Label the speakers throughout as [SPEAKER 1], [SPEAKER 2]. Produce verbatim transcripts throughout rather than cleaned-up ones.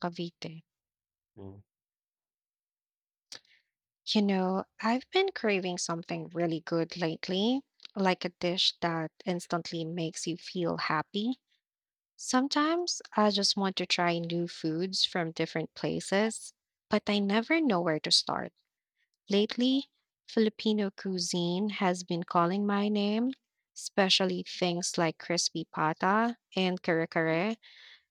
[SPEAKER 1] Cavite.
[SPEAKER 2] Mm.
[SPEAKER 1] You know, I've been craving something really good lately, like a dish that instantly makes you feel happy. Sometimes I just want to try new foods from different places, but I never know where to start. Lately, Filipino cuisine has been calling my name, especially things like crispy pata and kare kare.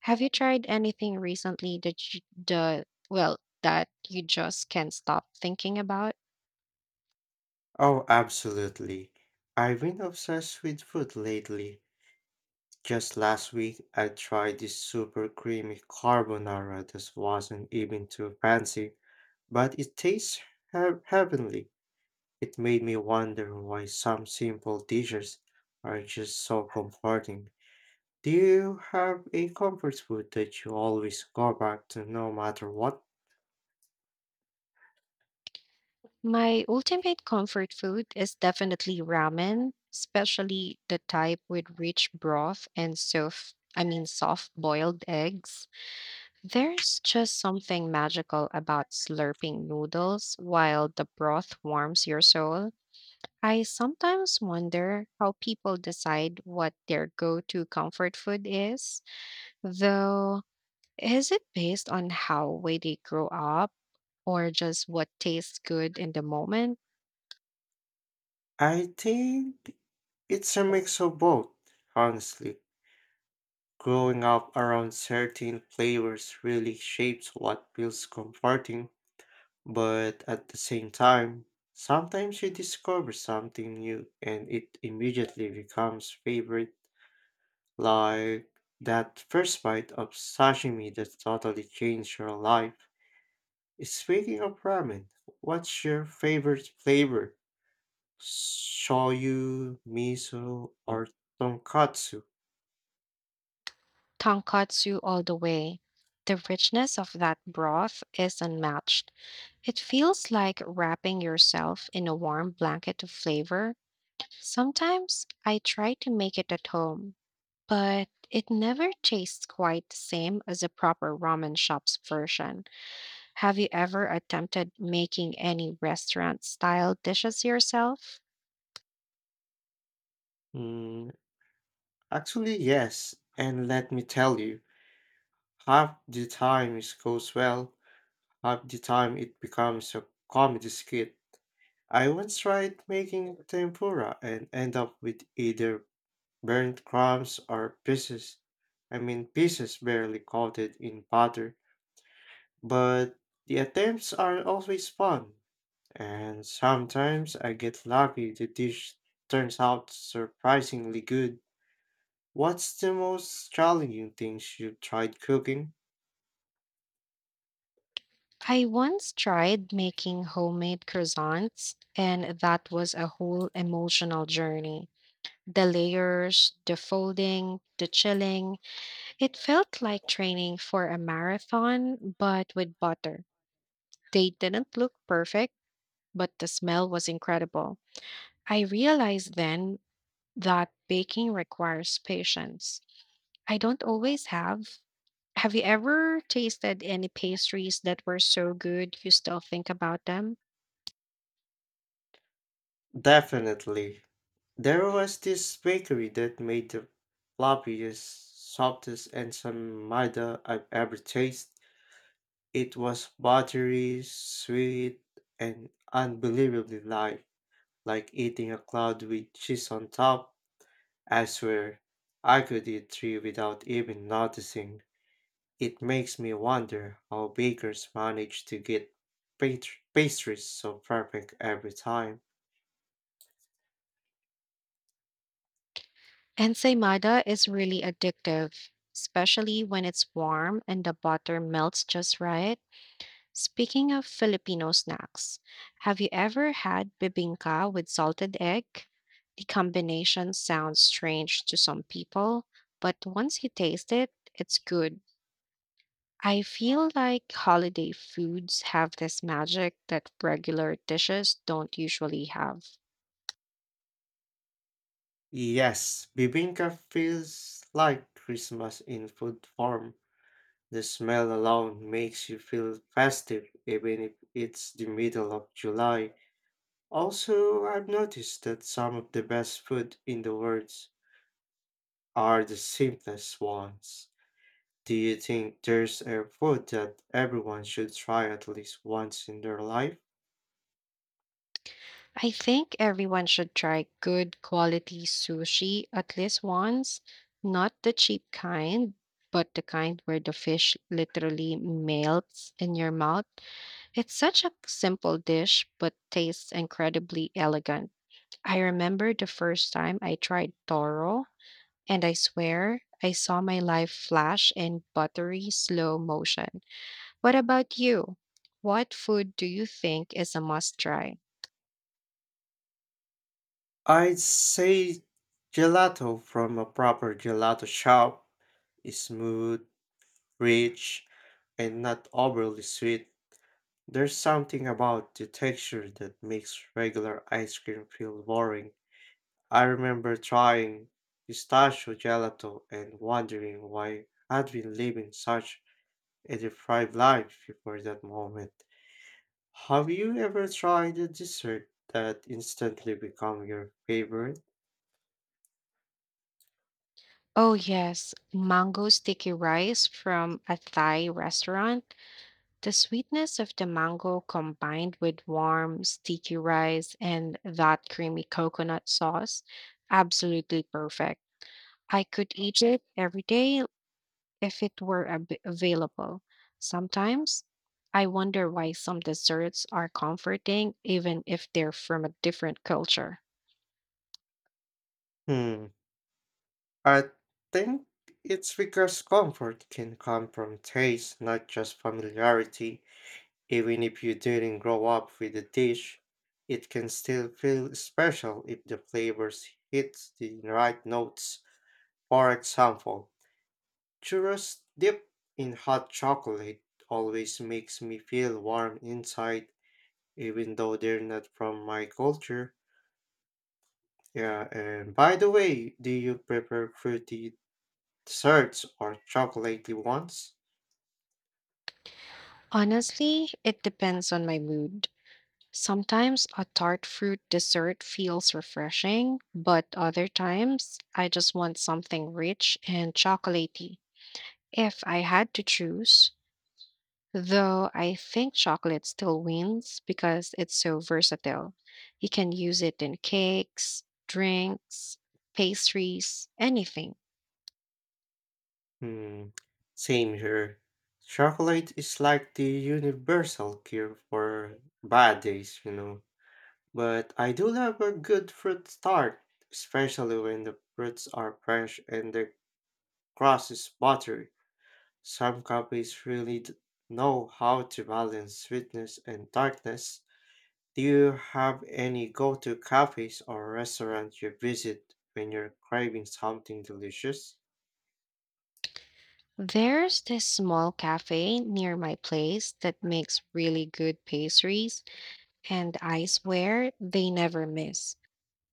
[SPEAKER 1] Have you tried anything recently that you, the well, that you just can't stop thinking about?
[SPEAKER 2] Oh, absolutely. I've been obsessed with food lately. Just last week, I tried this super creamy carbonara that wasn't even too fancy, but it tastes hea- heavenly. It made me wonder why some simple dishes are just so comforting. Do you have a comfort food that you always go back to no matter what?
[SPEAKER 1] My ultimate comfort food is definitely ramen, especially the type with rich broth and soft, I mean soft boiled eggs. There's just something magical about slurping noodles while the broth warms your soul. I sometimes wonder how people decide what their go-to comfort food is, though, is it based on how way they grow up or just what tastes good in the moment?
[SPEAKER 2] I think it's a mix of both, honestly. Growing up around certain flavors really shapes what feels comforting, but at the same time, sometimes you discover something new and it immediately becomes favorite, like that first bite of sashimi that totally changed your life. Speaking of ramen, what's your favorite flavor? Shoyu, miso, or tonkatsu?
[SPEAKER 1] Tonkatsu all the way. The richness of that broth is unmatched. It feels like wrapping yourself in a warm blanket of flavor. Sometimes I try to make it at home, but it never tastes quite the same as a proper ramen shop's version. Have you ever attempted making any restaurant style dishes yourself?
[SPEAKER 2] Mm, Actually, yes, and let me tell you. Half the time it goes well, half the time it becomes a comedy skit. I once tried making tempura and end up with either burnt crumbs or pieces. I mean pieces barely coated in butter. But the attempts are always fun, and sometimes I get lucky the dish turns out surprisingly good. What's the most challenging things you tried cooking?
[SPEAKER 1] I once tried making homemade croissants, and that was a whole emotional journey. The layers, the folding, the chilling. It felt like training for a marathon, but with butter. They didn't look perfect, but the smell was incredible. I realized then that baking requires patience. I don't always have. Have you ever tasted any pastries that were so good you still think about them?
[SPEAKER 2] Definitely. There was this bakery that made the floppiest, softest, and some maida I've ever tasted. It was buttery, sweet, and unbelievably light, like eating a cloud with cheese on top. I swear, I could eat three without even noticing. It makes me wonder how bakers manage to get pat- pastries so perfect every time.
[SPEAKER 1] Ensaymada is really addictive, especially when it's warm and the butter melts just right. Speaking of Filipino snacks, have you ever had bibingka with salted egg? The combination sounds strange to some people, but once you taste it, it's good. I feel like holiday foods have this magic that regular dishes don't usually have.
[SPEAKER 2] Yes, bibinka feels like Christmas in food form. The smell alone makes you feel festive, even if it's the middle of July. Also, I've noticed that some of the best food in the world are the simplest ones. Do you think there's a food that everyone should try at least once in their life?
[SPEAKER 1] I think everyone should try good quality sushi at least once, not the cheap kind, but the kind where the fish literally melts in your mouth. It's such a simple dish, but tastes incredibly elegant. I remember the first time I tried toro, and I swear I saw my life flash in buttery slow motion. What about you? What food do you think is a must try?
[SPEAKER 2] I'd say gelato from a proper gelato shop is smooth, rich, and not overly sweet. There's something about the texture that makes regular ice cream feel boring. I remember trying pistachio gelato and wondering why I'd been living such a deprived life before that moment. Have you ever tried a dessert that instantly become your favorite?
[SPEAKER 1] Oh, yes, mango sticky rice from a Thai restaurant. The sweetness of the mango combined with warm, sticky rice and that creamy coconut sauce, absolutely perfect. I could eat it every day if it were ab- available. Sometimes I wonder why some desserts are comforting, even if they're from a different culture.
[SPEAKER 2] Hmm. I think it's because comfort can come from taste, not just familiarity. Even if you didn't grow up with the dish, it can still feel special if the flavors hit the right notes. For example, churros dipped in hot chocolate always makes me feel warm inside, even though they're not from my culture. Yeah, and by the way, do you prefer fruity desserts or chocolatey ones?
[SPEAKER 1] Honestly, it depends on my mood. Sometimes a tart fruit dessert feels refreshing, but other times I just want something rich and chocolatey. If I had to choose, though, I think chocolate still wins because it's so versatile. You can use it in cakes, drinks, pastries, anything.
[SPEAKER 2] Hmm, same here. Chocolate is like the universal cure for bad days, you know. But I do love a good fruit tart, especially when the fruits are fresh and the crust is buttery. Some companies really d- know how to balance sweetness and darkness. Do you have any go-to cafes or restaurants you visit when you're craving something delicious?
[SPEAKER 1] There's this small cafe near my place that makes really good pastries, and I swear they never miss.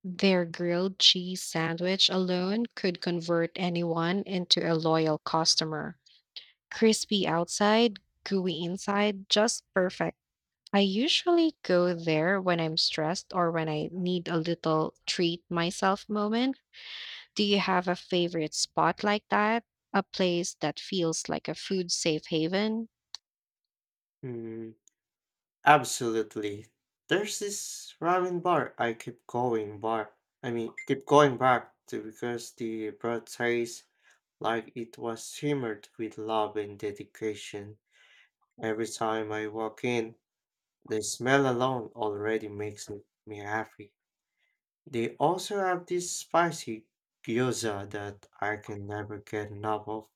[SPEAKER 1] Their grilled cheese sandwich alone could convert anyone into a loyal customer. Crispy outside, gooey inside, just perfect. I usually go there when I'm stressed or when I need a little treat myself moment. Do you have a favorite spot like that? A place that feels like a food safe haven?
[SPEAKER 2] Hmm. Absolutely. There's this ramen bar I keep going bar. I mean, keep going back to because the broth tastes like it was simmered with love and dedication. Every time I walk in, the smell alone already makes me me happy. They also have this spicy gyoza that I can never get enough of.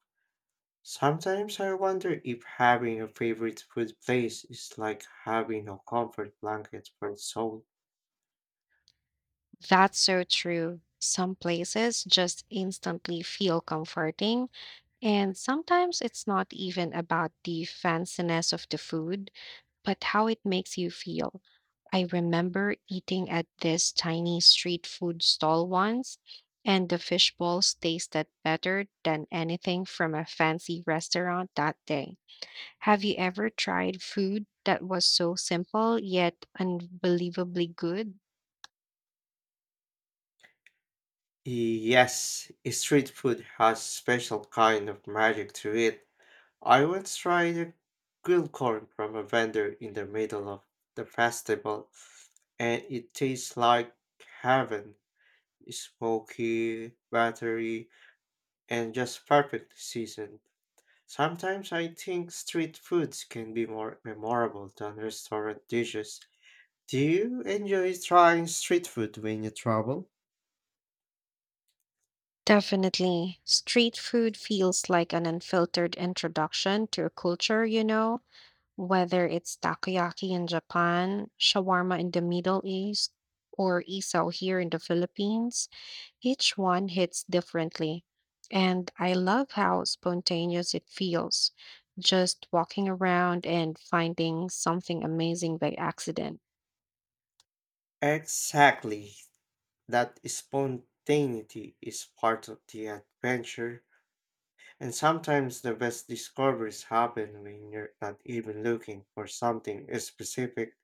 [SPEAKER 2] Sometimes I wonder if having a favorite food place is like having a comfort blanket for the soul.
[SPEAKER 1] That's so true. Some places just instantly feel comforting. And sometimes it's not even about the fanciness of the food, but how it makes you feel. I remember eating at this tiny street food stall once, and the fish balls tasted better than anything from a fancy restaurant that day. Have you ever tried food that was so simple yet unbelievably good?
[SPEAKER 2] Yes, street food has special kind of magic to it. I once tried a grilled corn from a vendor in the middle of the festival, and it tastes like heaven. Smoky, buttery, and just perfectly seasoned. Sometimes I think street foods can be more memorable than restaurant dishes. Do you enjoy trying street food when you travel?
[SPEAKER 1] Definitely. Street food feels like an unfiltered introduction to a culture, you know? Whether it's takoyaki in Japan, shawarma in the Middle East, or isaw here in the Philippines, each one hits differently. And I love how spontaneous it feels, just walking around and finding something amazing by accident.
[SPEAKER 2] Exactly. That spontaneity is part of the adventure, and sometimes the best discoveries happen when you're not even looking for something specific.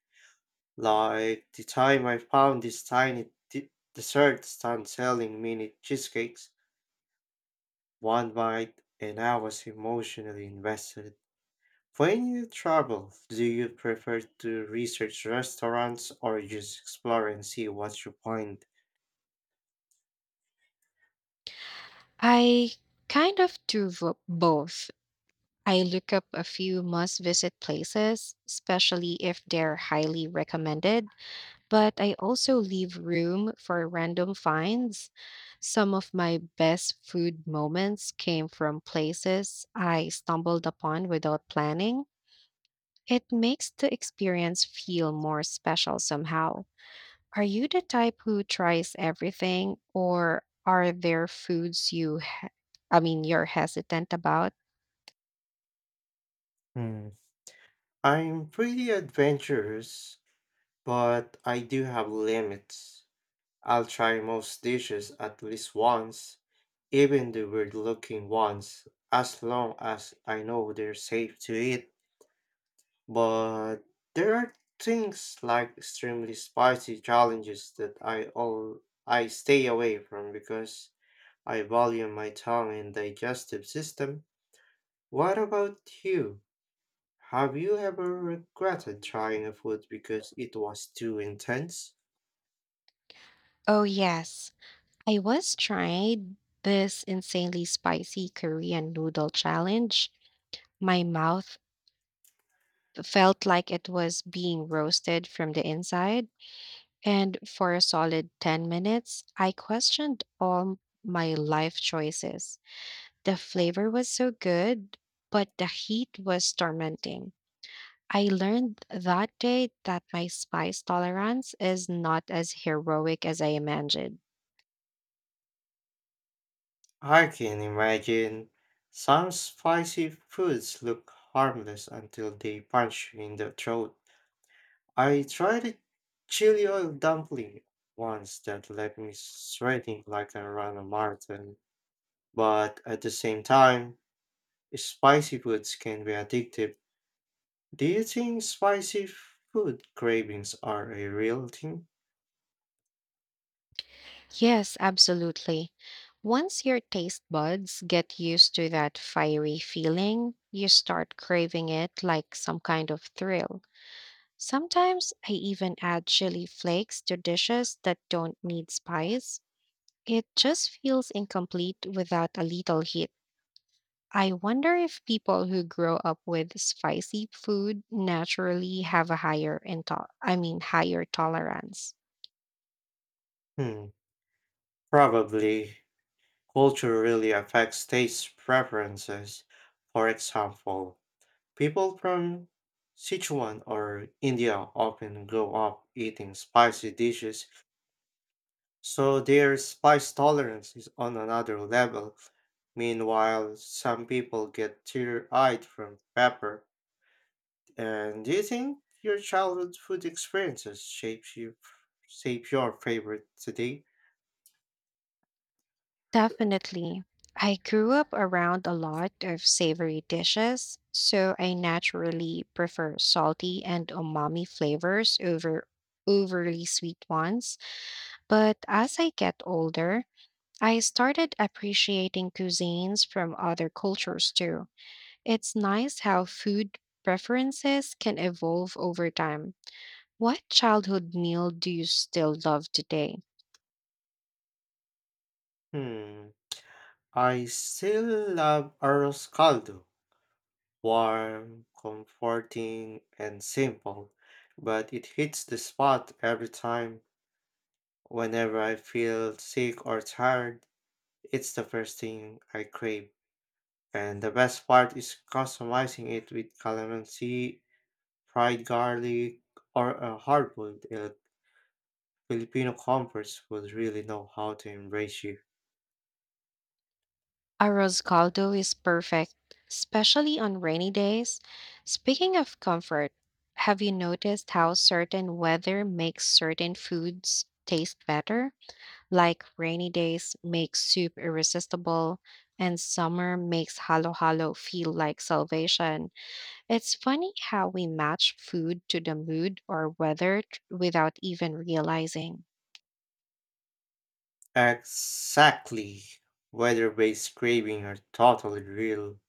[SPEAKER 2] Like the time I found this tiny de- dessert stand selling mini cheesecakes, one bite, and I was emotionally invested. When you travel, do you prefer to research restaurants or just explore and see what you find?
[SPEAKER 1] I kind of do vo- both. I look up a few must visit places, especially if they're highly recommended, but I also leave room for random finds. Some of my best food moments came from places I stumbled upon without planning. It makes the experience feel more special somehow. Are you the type who tries everything, or are there foods you, he- I mean, you're hesitant about?
[SPEAKER 2] Hmm. I'm pretty adventurous, but I do have limits. I'll try most dishes at least once, even the weird looking ones, as long as I know they're safe to eat. But there are things like extremely spicy challenges that I all I stay away from because I value my tongue and digestive system. What about you? Have you ever regretted trying a food because it was too intense?
[SPEAKER 1] Oh, yes. I was trying this insanely spicy Korean noodle challenge. My mouth felt like it was being roasted from the inside. And for a solid ten minutes, I questioned all my life choices. The flavor was so good, but the heat was tormenting. I learned that day that my spice tolerance is not as heroic as I imagined.
[SPEAKER 2] I can imagine some spicy foods look harmless until they punch you in the throat. I tried a chili oil dumpling once that left me sweating like I ran a marathon. But at the same time, spicy foods can be addictive. Do you think spicy food cravings are a real thing?
[SPEAKER 1] Yes, absolutely. Once your taste buds get used to that fiery feeling, you start craving it like some kind of thrill. Sometimes I even add chili flakes to dishes that don't need spice. It just feels incomplete without a little heat. I wonder if people who grow up with spicy food naturally have a higher into- I mean higher tolerance.
[SPEAKER 2] Hmm, probably. Culture really affects taste preferences. For example, people from Sichuan or India often grow up eating spicy dishes, so their spice tolerance is on another level. Meanwhile, some people get tear-eyed from pepper. And do you think your childhood food experiences shape you, shape your favorite today?
[SPEAKER 1] Definitely. I grew up around a lot of savory dishes, so I naturally prefer salty and umami flavors over overly sweet ones. But as I get older, I started appreciating cuisines from other cultures too. It's nice how food preferences can evolve over time. What childhood meal do you still love today?
[SPEAKER 2] Hmm. I still love arroz caldo. Warm, comforting, and simple, but it hits the spot every time. Whenever I feel sick or tired, it's the first thing I crave. And the best part is customizing it with calamansi, fried garlic, or a hard-boiled egg. Filipino comforts would really know how to embrace you.
[SPEAKER 1] Arroz caldo is perfect, especially on rainy days. Speaking of comfort, have you noticed how certain weather makes certain foods taste better? Like rainy days make soup irresistible, and summer makes halo halo feel like salvation. It's funny how we match food to the mood or weather t- without even realizing.
[SPEAKER 2] Exactly. Weather-based craving are totally real.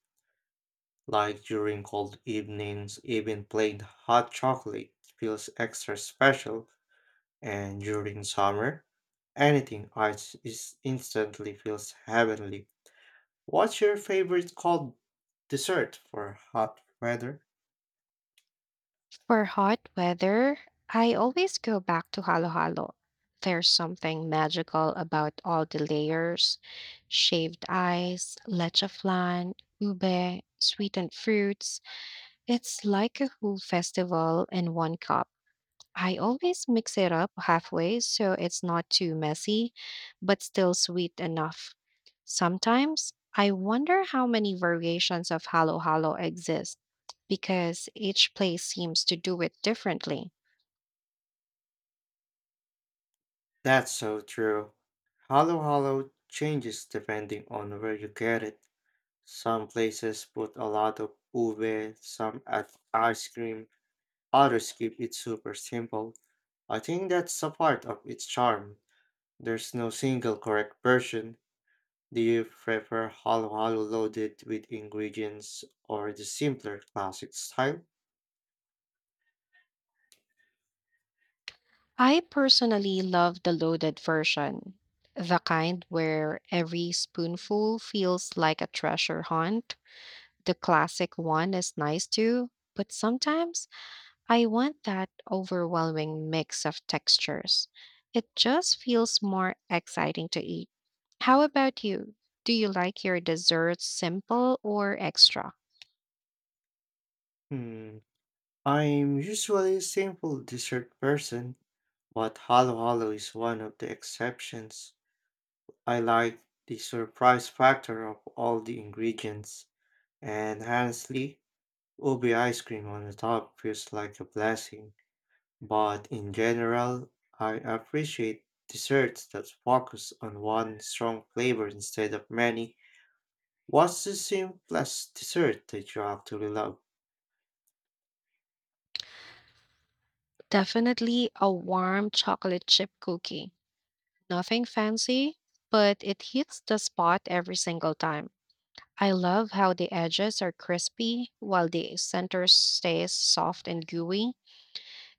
[SPEAKER 2] Like during cold evenings, even plain hot chocolate feels extra special, and during summer, anything ice is instantly feels heavenly. What's your favorite cold dessert for hot weather?
[SPEAKER 1] For hot weather, I always go back to halo halo. There's something magical about all the layers, shaved ice, leche flan, ube, sweetened fruits. It's like a whole festival in one cup. I always mix it up halfway so it's not too messy, but still sweet enough. Sometimes I wonder how many variations of halo halo exist because each place seems to do it differently.
[SPEAKER 2] That's so true. Halo Halo changes depending on where you get it. Some places put a lot of ube, some add ice cream, others keep it super simple. I think that's a part of its charm. There's no single correct version. Do you prefer Halo Halo loaded with ingredients or the simpler classic style?
[SPEAKER 1] I personally love the loaded version, the kind where every spoonful feels like a treasure hunt. The classic one is nice too, but sometimes I want that overwhelming mix of textures. It just feels more exciting to eat. How about you? Do you like your desserts simple or extra?
[SPEAKER 2] Hmm. I'm usually a simple dessert person, but Halo Halo is one of the exceptions. I like the surprise factor of all the ingredients, and honestly, ubi ice cream on the top feels like a blessing. But in general, I appreciate desserts that focus on one strong flavor instead of many. What's the simplest dessert that you actually love?
[SPEAKER 1] Definitely a warm chocolate chip cookie. Nothing fancy, but it hits the spot every single time. I love how the edges are crispy while the center stays soft and gooey.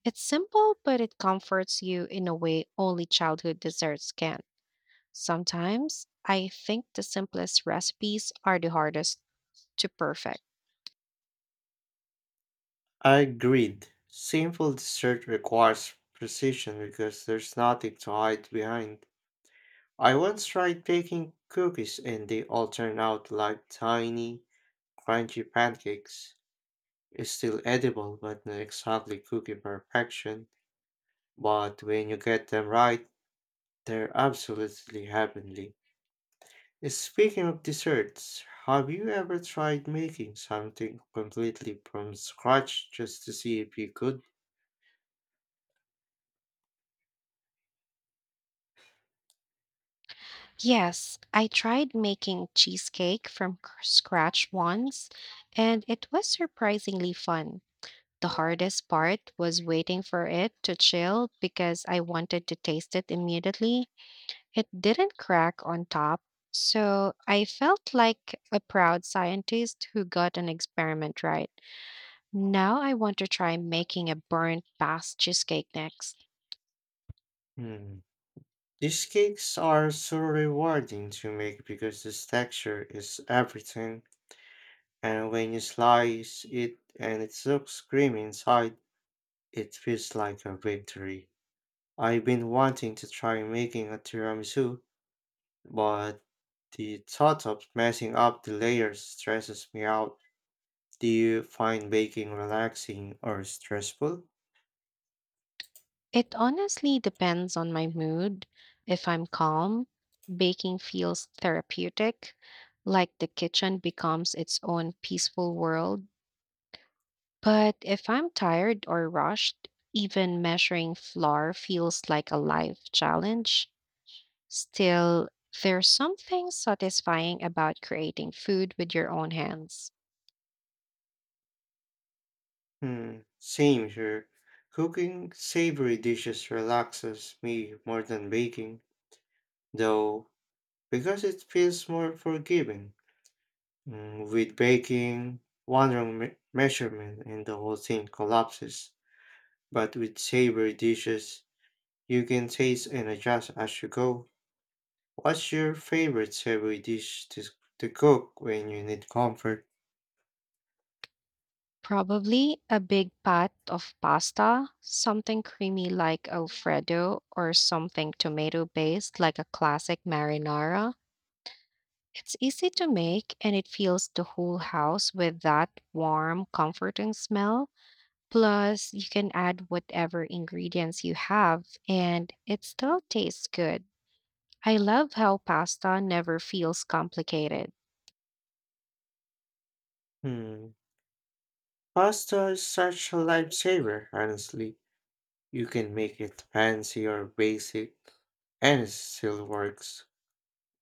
[SPEAKER 1] It's simple, but it comforts you in a way only childhood desserts can. Sometimes I think the simplest recipes are the hardest to perfect.
[SPEAKER 2] I agreed. Simple dessert requires precision because there's nothing to hide behind. I once tried baking cookies and they all turned out like tiny, crunchy pancakes. It's still edible, but not exactly cookie perfection. But when you get them right, they're absolutely heavenly. Speaking of desserts, have you ever tried making something completely from scratch just to see if you could?
[SPEAKER 1] Yes, I tried making cheesecake from c- scratch once, and it was surprisingly fun. The hardest part was waiting for it to chill because I wanted to taste it immediately. It didn't crack on top, so I felt like a proud scientist who got an experiment right. Now I want to try making a burnt past cheesecake next.
[SPEAKER 2] Hmm. These cakes are so rewarding to make because this texture is everything, and when you slice it and it looks creamy inside, it feels like a victory. I've been wanting to try making a tiramisu, but the thought of messing up the layers stresses me out. Do you find baking relaxing or stressful?
[SPEAKER 1] It honestly depends on my mood. If I'm calm, baking feels therapeutic, like the kitchen becomes its own peaceful world. But if I'm tired or rushed, even measuring flour feels like a life challenge. Still, there's something satisfying about creating food with your own hands.
[SPEAKER 2] Hmm, same here. Cooking savory dishes relaxes me more than baking, though, because it feels more forgiving. Mm, with baking, one wrong me- measurement and the whole thing collapses. But with savory dishes, you can taste and adjust as you go. What's your favorite savory dish to, to cook when you need comfort?
[SPEAKER 1] Probably a big pat of pasta, something creamy like Alfredo, or something tomato based like a classic marinara. It's easy to make and it fills the whole house with that warm, comforting smell. Plus, you can add whatever ingredients you have and it still tastes good. I love how pasta never feels complicated.
[SPEAKER 2] Hmm. Pasta is such a lifesaver, honestly. You can make it fancy or basic, and it still works.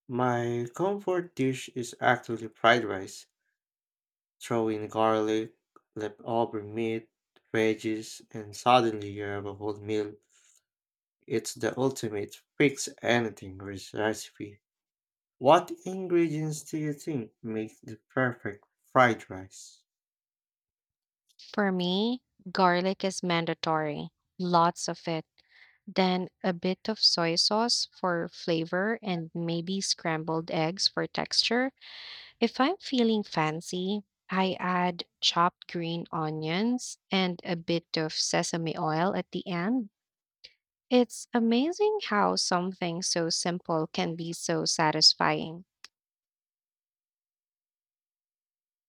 [SPEAKER 2] My comfort dish is actually fried rice. Throw in garlic, leftover meat, veggies, and suddenly you have a whole meal. It's the ultimate fix anything res- recipe. What ingredients do you think make the perfect fried rice?
[SPEAKER 1] For me, garlic is mandatory, lots of it. Then a bit of soy sauce for flavor and maybe scrambled eggs for texture. If I'm feeling fancy, I add chopped green onions and a bit of sesame oil at the end. It's amazing how something so simple can be so satisfying.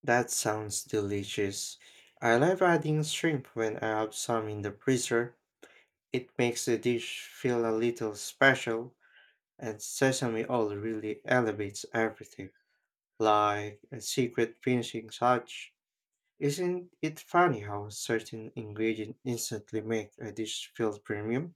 [SPEAKER 2] That sounds delicious. I love adding shrimp when I have some in the freezer. It makes the dish feel a little special, and sesame oil really elevates everything, like a secret finishing touch. Isn't it funny how certain ingredients instantly make a dish feel premium?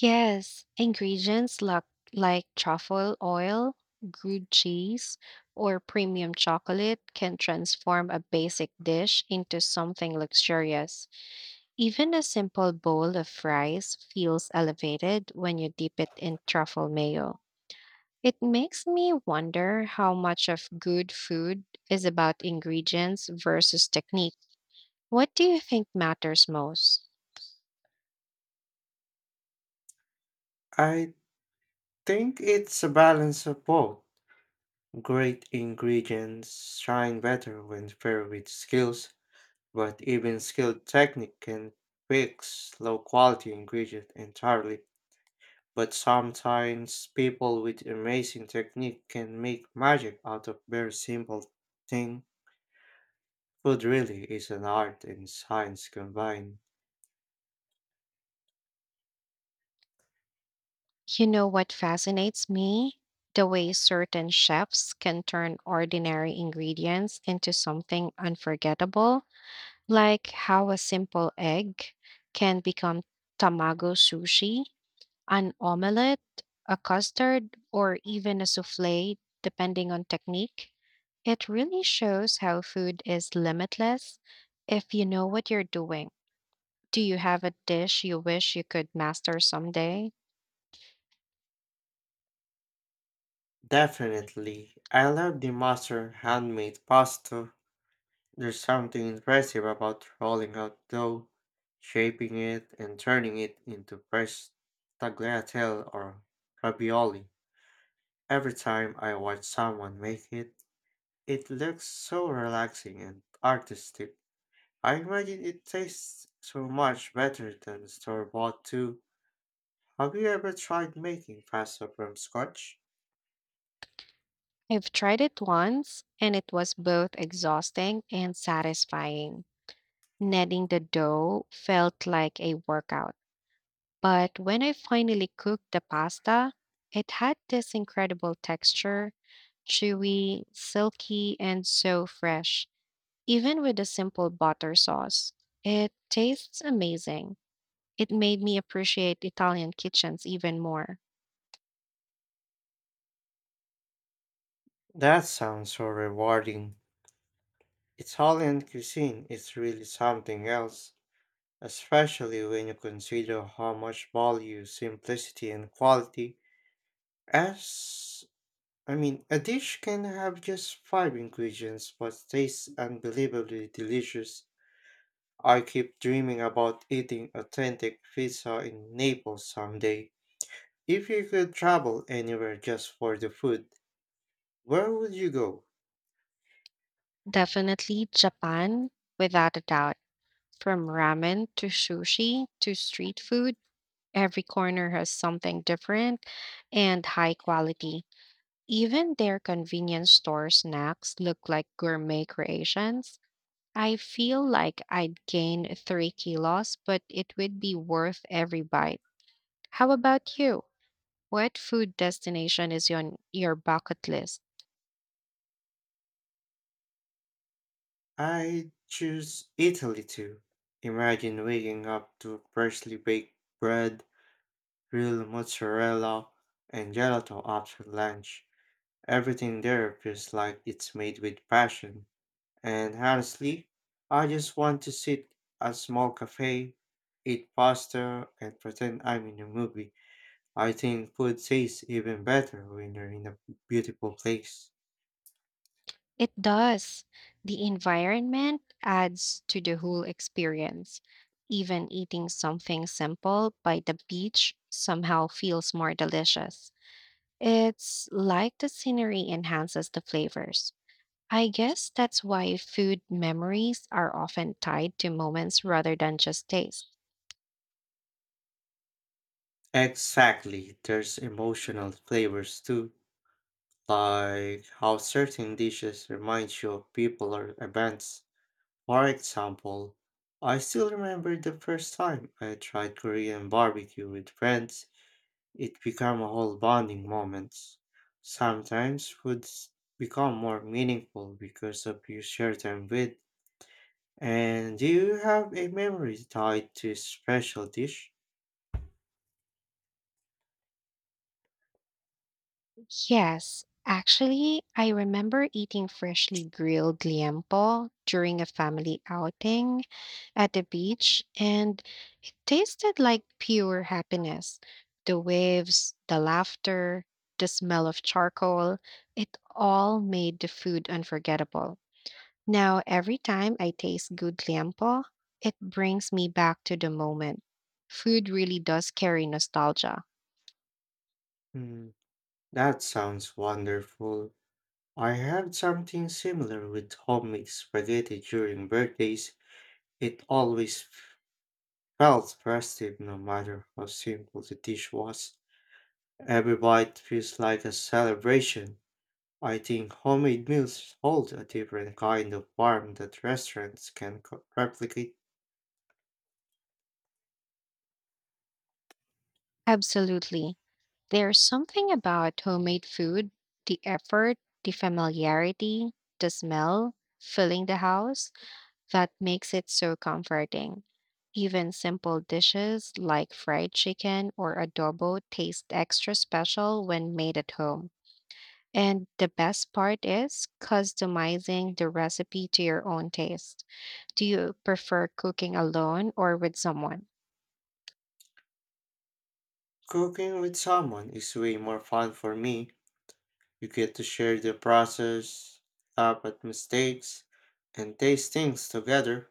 [SPEAKER 1] Yes, ingredients like, like truffle oil, good cheese, or premium chocolate can transform a basic dish into something luxurious. Even a simple bowl of rice feels elevated when you dip it in truffle mayo. It makes me wonder how much of good food is about ingredients versus technique. What do you think matters most?
[SPEAKER 2] I think it's a balance of both. Great ingredients shine better when paired with skills, but even skilled technique can fix low quality ingredient entirely. But sometimes people with amazing technique can make magic out of very simple thing. Food really is an art and science combined.
[SPEAKER 1] You know what fascinates me? The way certain chefs can turn ordinary ingredients into something unforgettable, like how a simple egg can become tamago sushi, an omelette, a custard, or even a souffle, depending on technique. It really shows how food is limitless if you know what you're doing. Do you have a dish you wish you could master someday?
[SPEAKER 2] Definitely, I love the master handmade pasta. There's something impressive about rolling out dough, shaping it, and turning it into fresh tagliatelle or ravioli. Every time I watch someone make it, it looks so relaxing and artistic. I imagine it tastes so much better than store bought too. Have you ever tried making pasta from scratch?
[SPEAKER 1] I've tried it once, and it was both exhausting and satisfying. Kneading the dough felt like a workout. But when I finally cooked the pasta, it had this incredible texture, chewy, silky, and so fresh, even with a simple butter sauce. It tastes amazing. It made me appreciate Italian kitchens even more.
[SPEAKER 2] That sounds so rewarding. Italian cuisine is really something else, especially when you consider how much value simplicity and quality as I mean, a dish can have just five ingredients but tastes unbelievably delicious. I keep dreaming about eating authentic pizza in Naples someday. If you could travel anywhere just for the food, where would you go?
[SPEAKER 1] Definitely Japan, without a doubt. From ramen to sushi to street food, every corner has something different and high quality. Even their convenience store snacks look like gourmet creations. I feel like I'd gain three kilos, but it would be worth every bite. How about you? What food destination is on your bucket list?
[SPEAKER 2] I choose Italy too. Imagine waking up to freshly baked bread, real mozzarella, and gelato after lunch. Everything there feels like it's made with passion. And honestly, I just want to sit at a small cafe, eat pasta, and pretend I'm in a movie. I think food tastes even better when you're in a beautiful place.
[SPEAKER 1] It does. The environment adds to the whole experience. Even eating something simple by the beach somehow feels more delicious. It's like the scenery enhances the flavors. I guess that's why food memories are often tied to moments rather than just taste.
[SPEAKER 2] Exactly, there's emotional flavors too, like how certain dishes remind you of people or events. For example, I still remember the first time I tried Korean barbecue with friends. It become a whole bonding moment. Sometimes foods become more meaningful because of you share them with. And do you have a memory tied to special dish?
[SPEAKER 1] Yes, actually, I remember eating freshly grilled liempo during a family outing at the beach, and it tasted like pure happiness. The waves, the laughter, the smell of charcoal, it all made the food unforgettable. Now, every time I taste good liempo, it brings me back to the moment. Food really does carry nostalgia.
[SPEAKER 2] Hmm, that sounds wonderful. I had something similar with homemade spaghetti during birthdays. It always felt festive no matter how simple the dish was. Every bite feels like a celebration. I think homemade meals hold a different kind of warmth that restaurants can co- replicate.
[SPEAKER 1] Absolutely. There's something about homemade food, the effort, the familiarity, the smell, filling the house, that makes it so comforting. Even simple dishes like fried chicken or adobo taste extra special when made at home. And the best part is customizing the recipe to your own taste. Do you prefer cooking alone or with someone?
[SPEAKER 2] Cooking with someone is way more fun for me. You get to share the process, laugh at mistakes, and taste things together.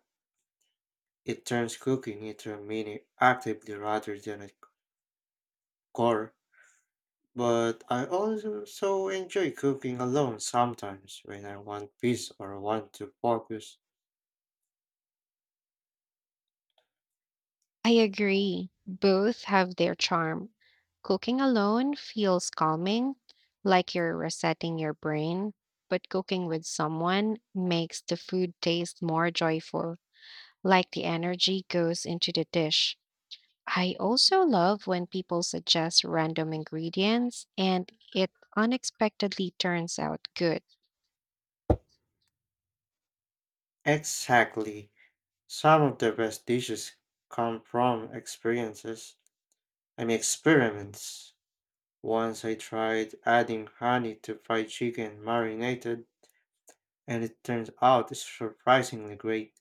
[SPEAKER 2] It turns cooking into a mini activity rather than a chore. But I also so enjoy cooking alone sometimes when I want peace or want to focus.
[SPEAKER 1] I agree. Both have their charm. Cooking alone feels calming, like you're resetting your brain, but cooking with someone makes the food taste more joyful, like the energy goes into the dish. I also love when people suggest random ingredients and it unexpectedly turns out good.
[SPEAKER 2] Exactly. Some of the best dishes come from experiences. I mean, experiments. Once I tried adding honey to fried chicken marinated, and it turns out surprisingly great.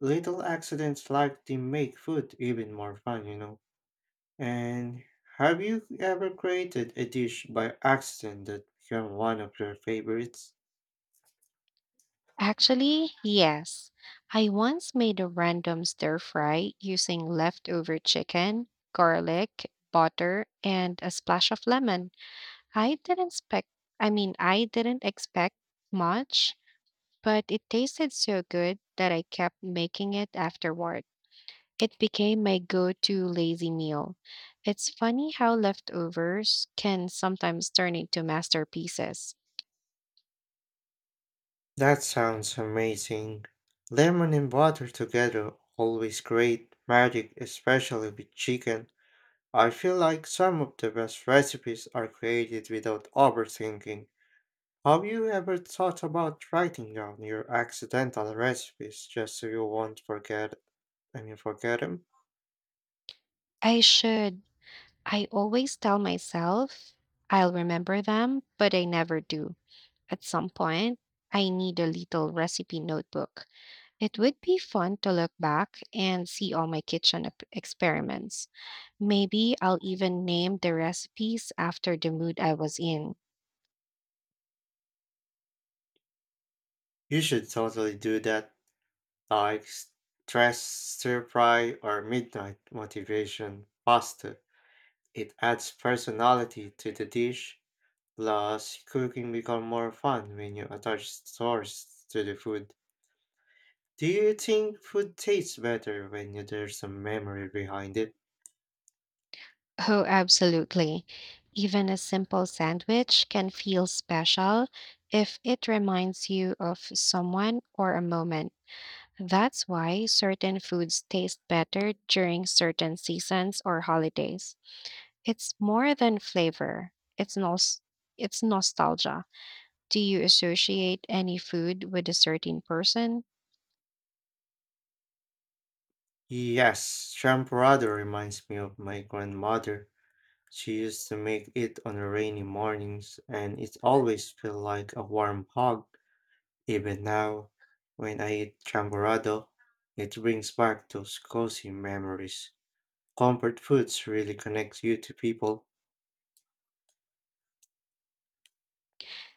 [SPEAKER 2] Little accidents like they make food even more fun, you know. And have you ever created a dish by accident that became one of your favorites?
[SPEAKER 1] Actually, yes. I once made a random stir fry using leftover chicken, garlic, butter, and a splash of lemon. I didn't expect, I mean, I didn't expect much, but it tasted so good that I kept making it afterward. It became my go to lazy meal. It's funny how leftovers can sometimes turn into masterpieces.
[SPEAKER 2] That sounds amazing. Lemon and butter together always create magic, especially with chicken. I feel like some of the best recipes are created without overthinking. Have you ever thought about writing down your accidental recipes just so you won't forget and you forget them?
[SPEAKER 1] I should. I always tell myself I'll remember them, but I never do. At some point, I need a little recipe notebook. It would be fun to look back and see all my kitchen ep- experiments. Maybe I'll even name the recipes after the mood I was in.
[SPEAKER 2] You should totally do that, like s- stress stir fry or midnight motivation pasta. It adds personality to the dish. Plus, cooking becomes more fun when you attach stores to the food. Do you think food tastes better when you- there's a memory behind it?
[SPEAKER 1] Oh, absolutely. Even a simple sandwich can feel special if it reminds you of someone or a moment. That's why certain foods taste better during certain seasons or holidays. It's more than flavor. It's nos- it's nostalgia. Do you associate any food with a certain person?
[SPEAKER 2] Yes, champorado reminds me of my grandmother. She used to make it on rainy mornings, and it always felt like a warm hug. Even now, when I eat champorado, it brings back those cozy memories. Comfort foods really connect you to people.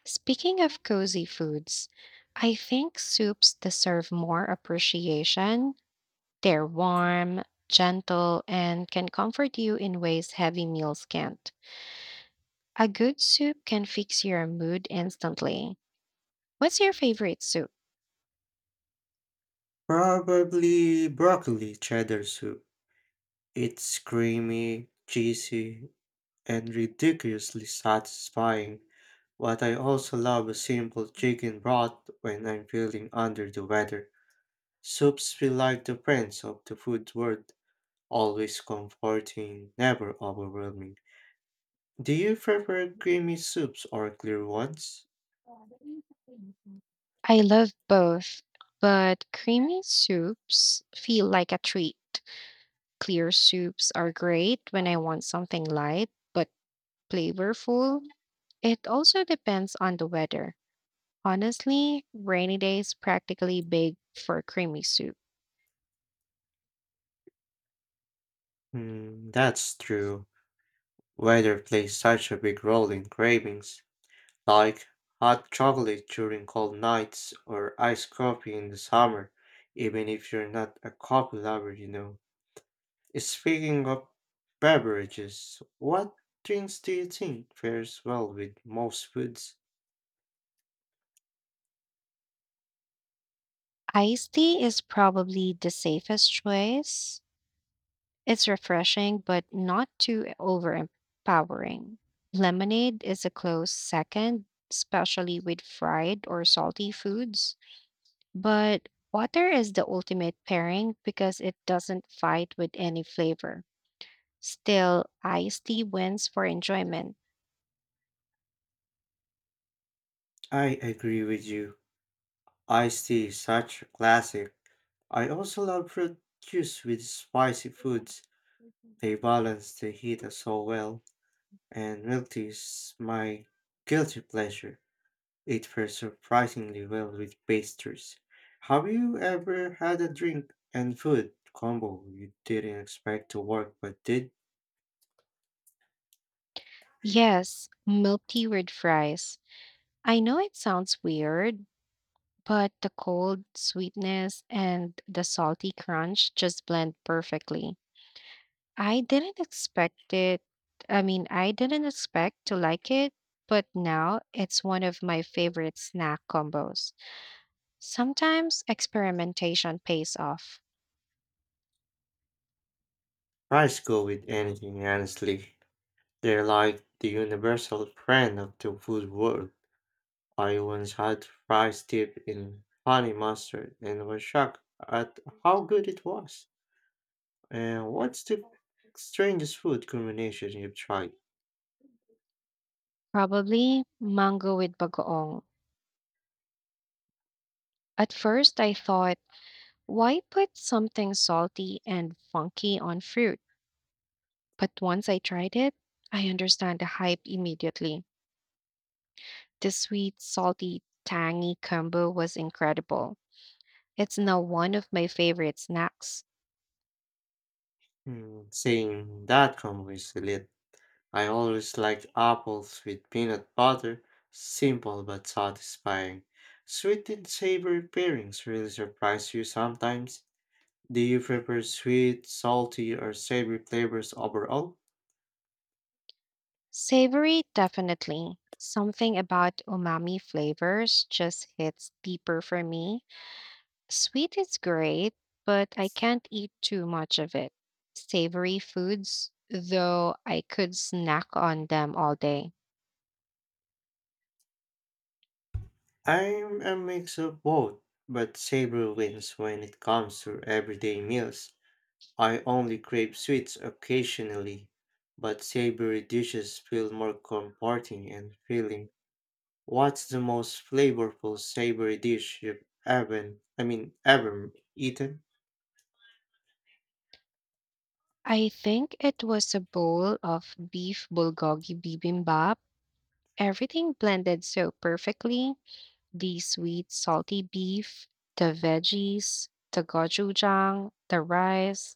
[SPEAKER 1] Speaking of cozy foods, I think soups deserve more appreciation. They're warm, gentle, and can comfort you in ways heavy meals can't. A good soup can fix your mood instantly. What's your favorite soup?
[SPEAKER 2] Probably broccoli cheddar soup. It's creamy, cheesy, and ridiculously satisfying. But I also love a simple chicken broth when I'm feeling under the weather. Soups feel like the friends of the food world, always comforting, never overwhelming. Do you prefer creamy soups or clear ones?
[SPEAKER 1] I love both, but creamy soups feel like a treat. Clear soups are great when I want something light but flavorful. It also depends on the weather. Honestly, rainy days practically big for creamy soup.
[SPEAKER 2] Hmm, that's true. Weather plays such a big role in cravings, like hot chocolate during cold nights or iced coffee in the summer, even if you're not a coffee lover, you know. Speaking of beverages, what drinks do you think fares well with most foods?
[SPEAKER 1] Iced tea is probably the safest choice. It's refreshing, but not too overpowering. Lemonade is a close second, especially with fried or salty foods. But water is the ultimate pairing because it doesn't fight with any flavor. Still, iced tea wins for enjoyment.
[SPEAKER 2] I agree with you. Iced tea is such a classic. I also love fruit juice with spicy foods. They balance the heat so well, and milk tea is my guilty pleasure. It pairs surprisingly well with pastries. Have you ever had a drink and food combo you didn't expect to work but did?
[SPEAKER 1] Yes, milk tea with fries. I know it sounds weird, but the cold sweetness and the salty crunch just blend perfectly. I didn't expect it. I mean, I didn't expect to like it, but now it's one of my favorite snack combos. Sometimes experimentation pays off.
[SPEAKER 2] Fries go with anything, honestly. They're like the universal friend of the food world. I once had fries dipped in honey mustard and was shocked at how good it was. And what's the strangest food combination you've tried?
[SPEAKER 1] Probably mango with bagoong. At first, I thought, why put something salty and funky on fruit? But once I tried it, I understand the hype immediately. The sweet, salty, tangy combo was incredible. It's now one of my favorite snacks.
[SPEAKER 2] Hmm, saying that combo is elite. I always liked apples with peanut butter, simple but satisfying. Sweet and savory pairings really surprise you sometimes. Do you prefer sweet, salty, or savory flavors overall?
[SPEAKER 1] Savory, definitely. Something about umami flavors just hits deeper for me. Sweet is great, but I can't eat too much of it. Savory foods, though, I could snack on them all day.
[SPEAKER 2] I'm a mix of both, but savory wins when it comes to everyday meals. I only crave sweets occasionally, but savory dishes feel more comforting and filling. What's the most flavorful savory dish you've ever, I mean, ever eaten?
[SPEAKER 1] I think it was a bowl of beef bulgogi bibimbap. Everything blended so perfectly. The sweet, salty beef, the veggies, the gochujang, the rice.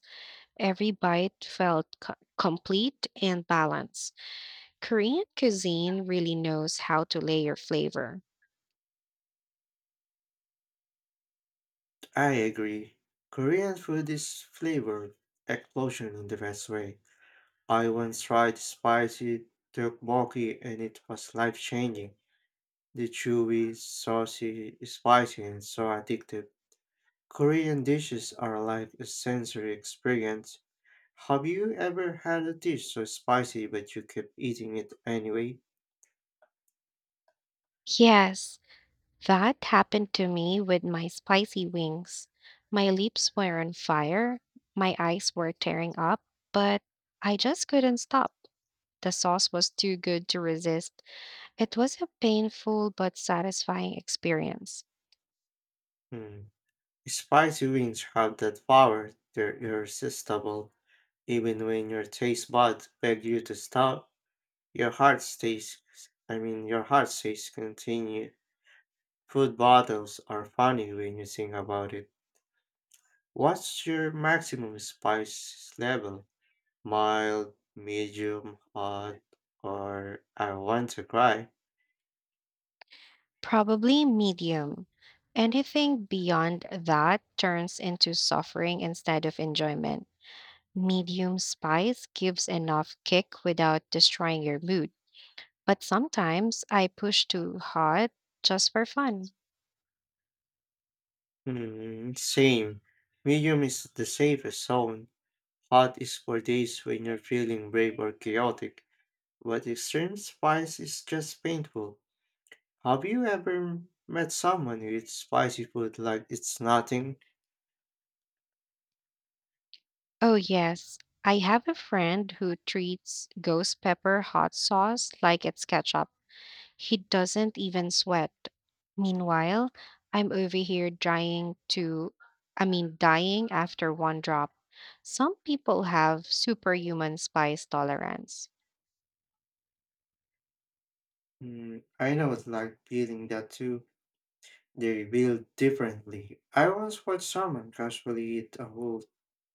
[SPEAKER 1] Every bite felt co- complete and balanced. Korean cuisine really knows how to layer flavor.
[SPEAKER 2] I agree. Korean food is flavor explosion in the best way. I once tried spicy tteokbokki and it was life-changing. The chewy, saucy, spicy, and so addictive. Korean dishes are like a sensory experience. Have you ever had a dish so spicy but you kept eating it anyway?
[SPEAKER 1] Yes, that happened to me with my spicy wings. My lips were on fire, my eyes were tearing up, but I just couldn't stop. The sauce was too good to resist. It was a painful but satisfying experience.
[SPEAKER 2] Hmm. Spicy wings have that power, they're irresistible. Even when your taste buds beg you to stop, your heart stays, I mean, your heart stays continue. Food bottles are funny when you think about it. What's your maximum spice level? Mild, medium, hot, or I want to cry?
[SPEAKER 1] Probably medium. Anything beyond that turns into suffering instead of enjoyment. Medium spice gives enough kick without destroying your mood, but sometimes I push too hard just for fun.
[SPEAKER 2] Hmm, same. Medium is the safest zone. Hot is for days when you're feeling brave or chaotic. What extreme spice is just painful. Have you ever met someone who eats spicy food like it's nothing?
[SPEAKER 1] Oh, yes, I have a friend who treats ghost pepper hot sauce like it's ketchup. He doesn't even sweat. Meanwhile, I'm over here trying to, I mean, dying after one drop. Some people have superhuman spice tolerance.
[SPEAKER 2] Mm, I know it's like feeling that too. They build differently. I once watched someone casually eat a whole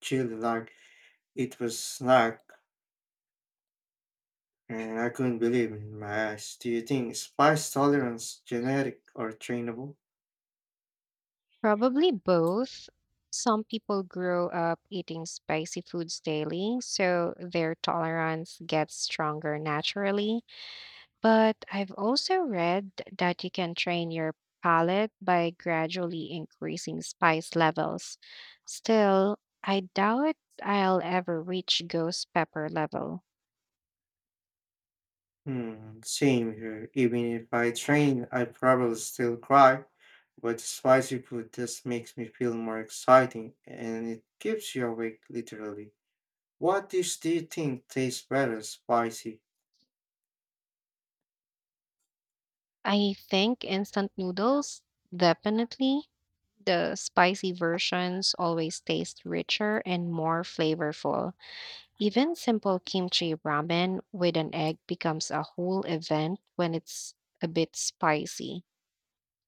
[SPEAKER 2] chili like it was snack, and I couldn't believe in my eyes. Do you think spice tolerance genetic or trainable?
[SPEAKER 1] Probably both. Some people grow up eating spicy foods daily, so their tolerance gets stronger naturally. But I've also read that you can train your palate by gradually increasing spice levels. Still, I doubt I'll ever reach ghost pepper level.
[SPEAKER 2] Hmm, same here. Even if I train, I probably still cry, but spicy food just makes me feel more exciting and it keeps you awake literally. What dish do you think tastes better spicy?
[SPEAKER 1] I think instant noodles, definitely the spicy versions always taste richer and more flavorful. Even simple kimchi ramen with an egg becomes a whole event when it's a bit spicy.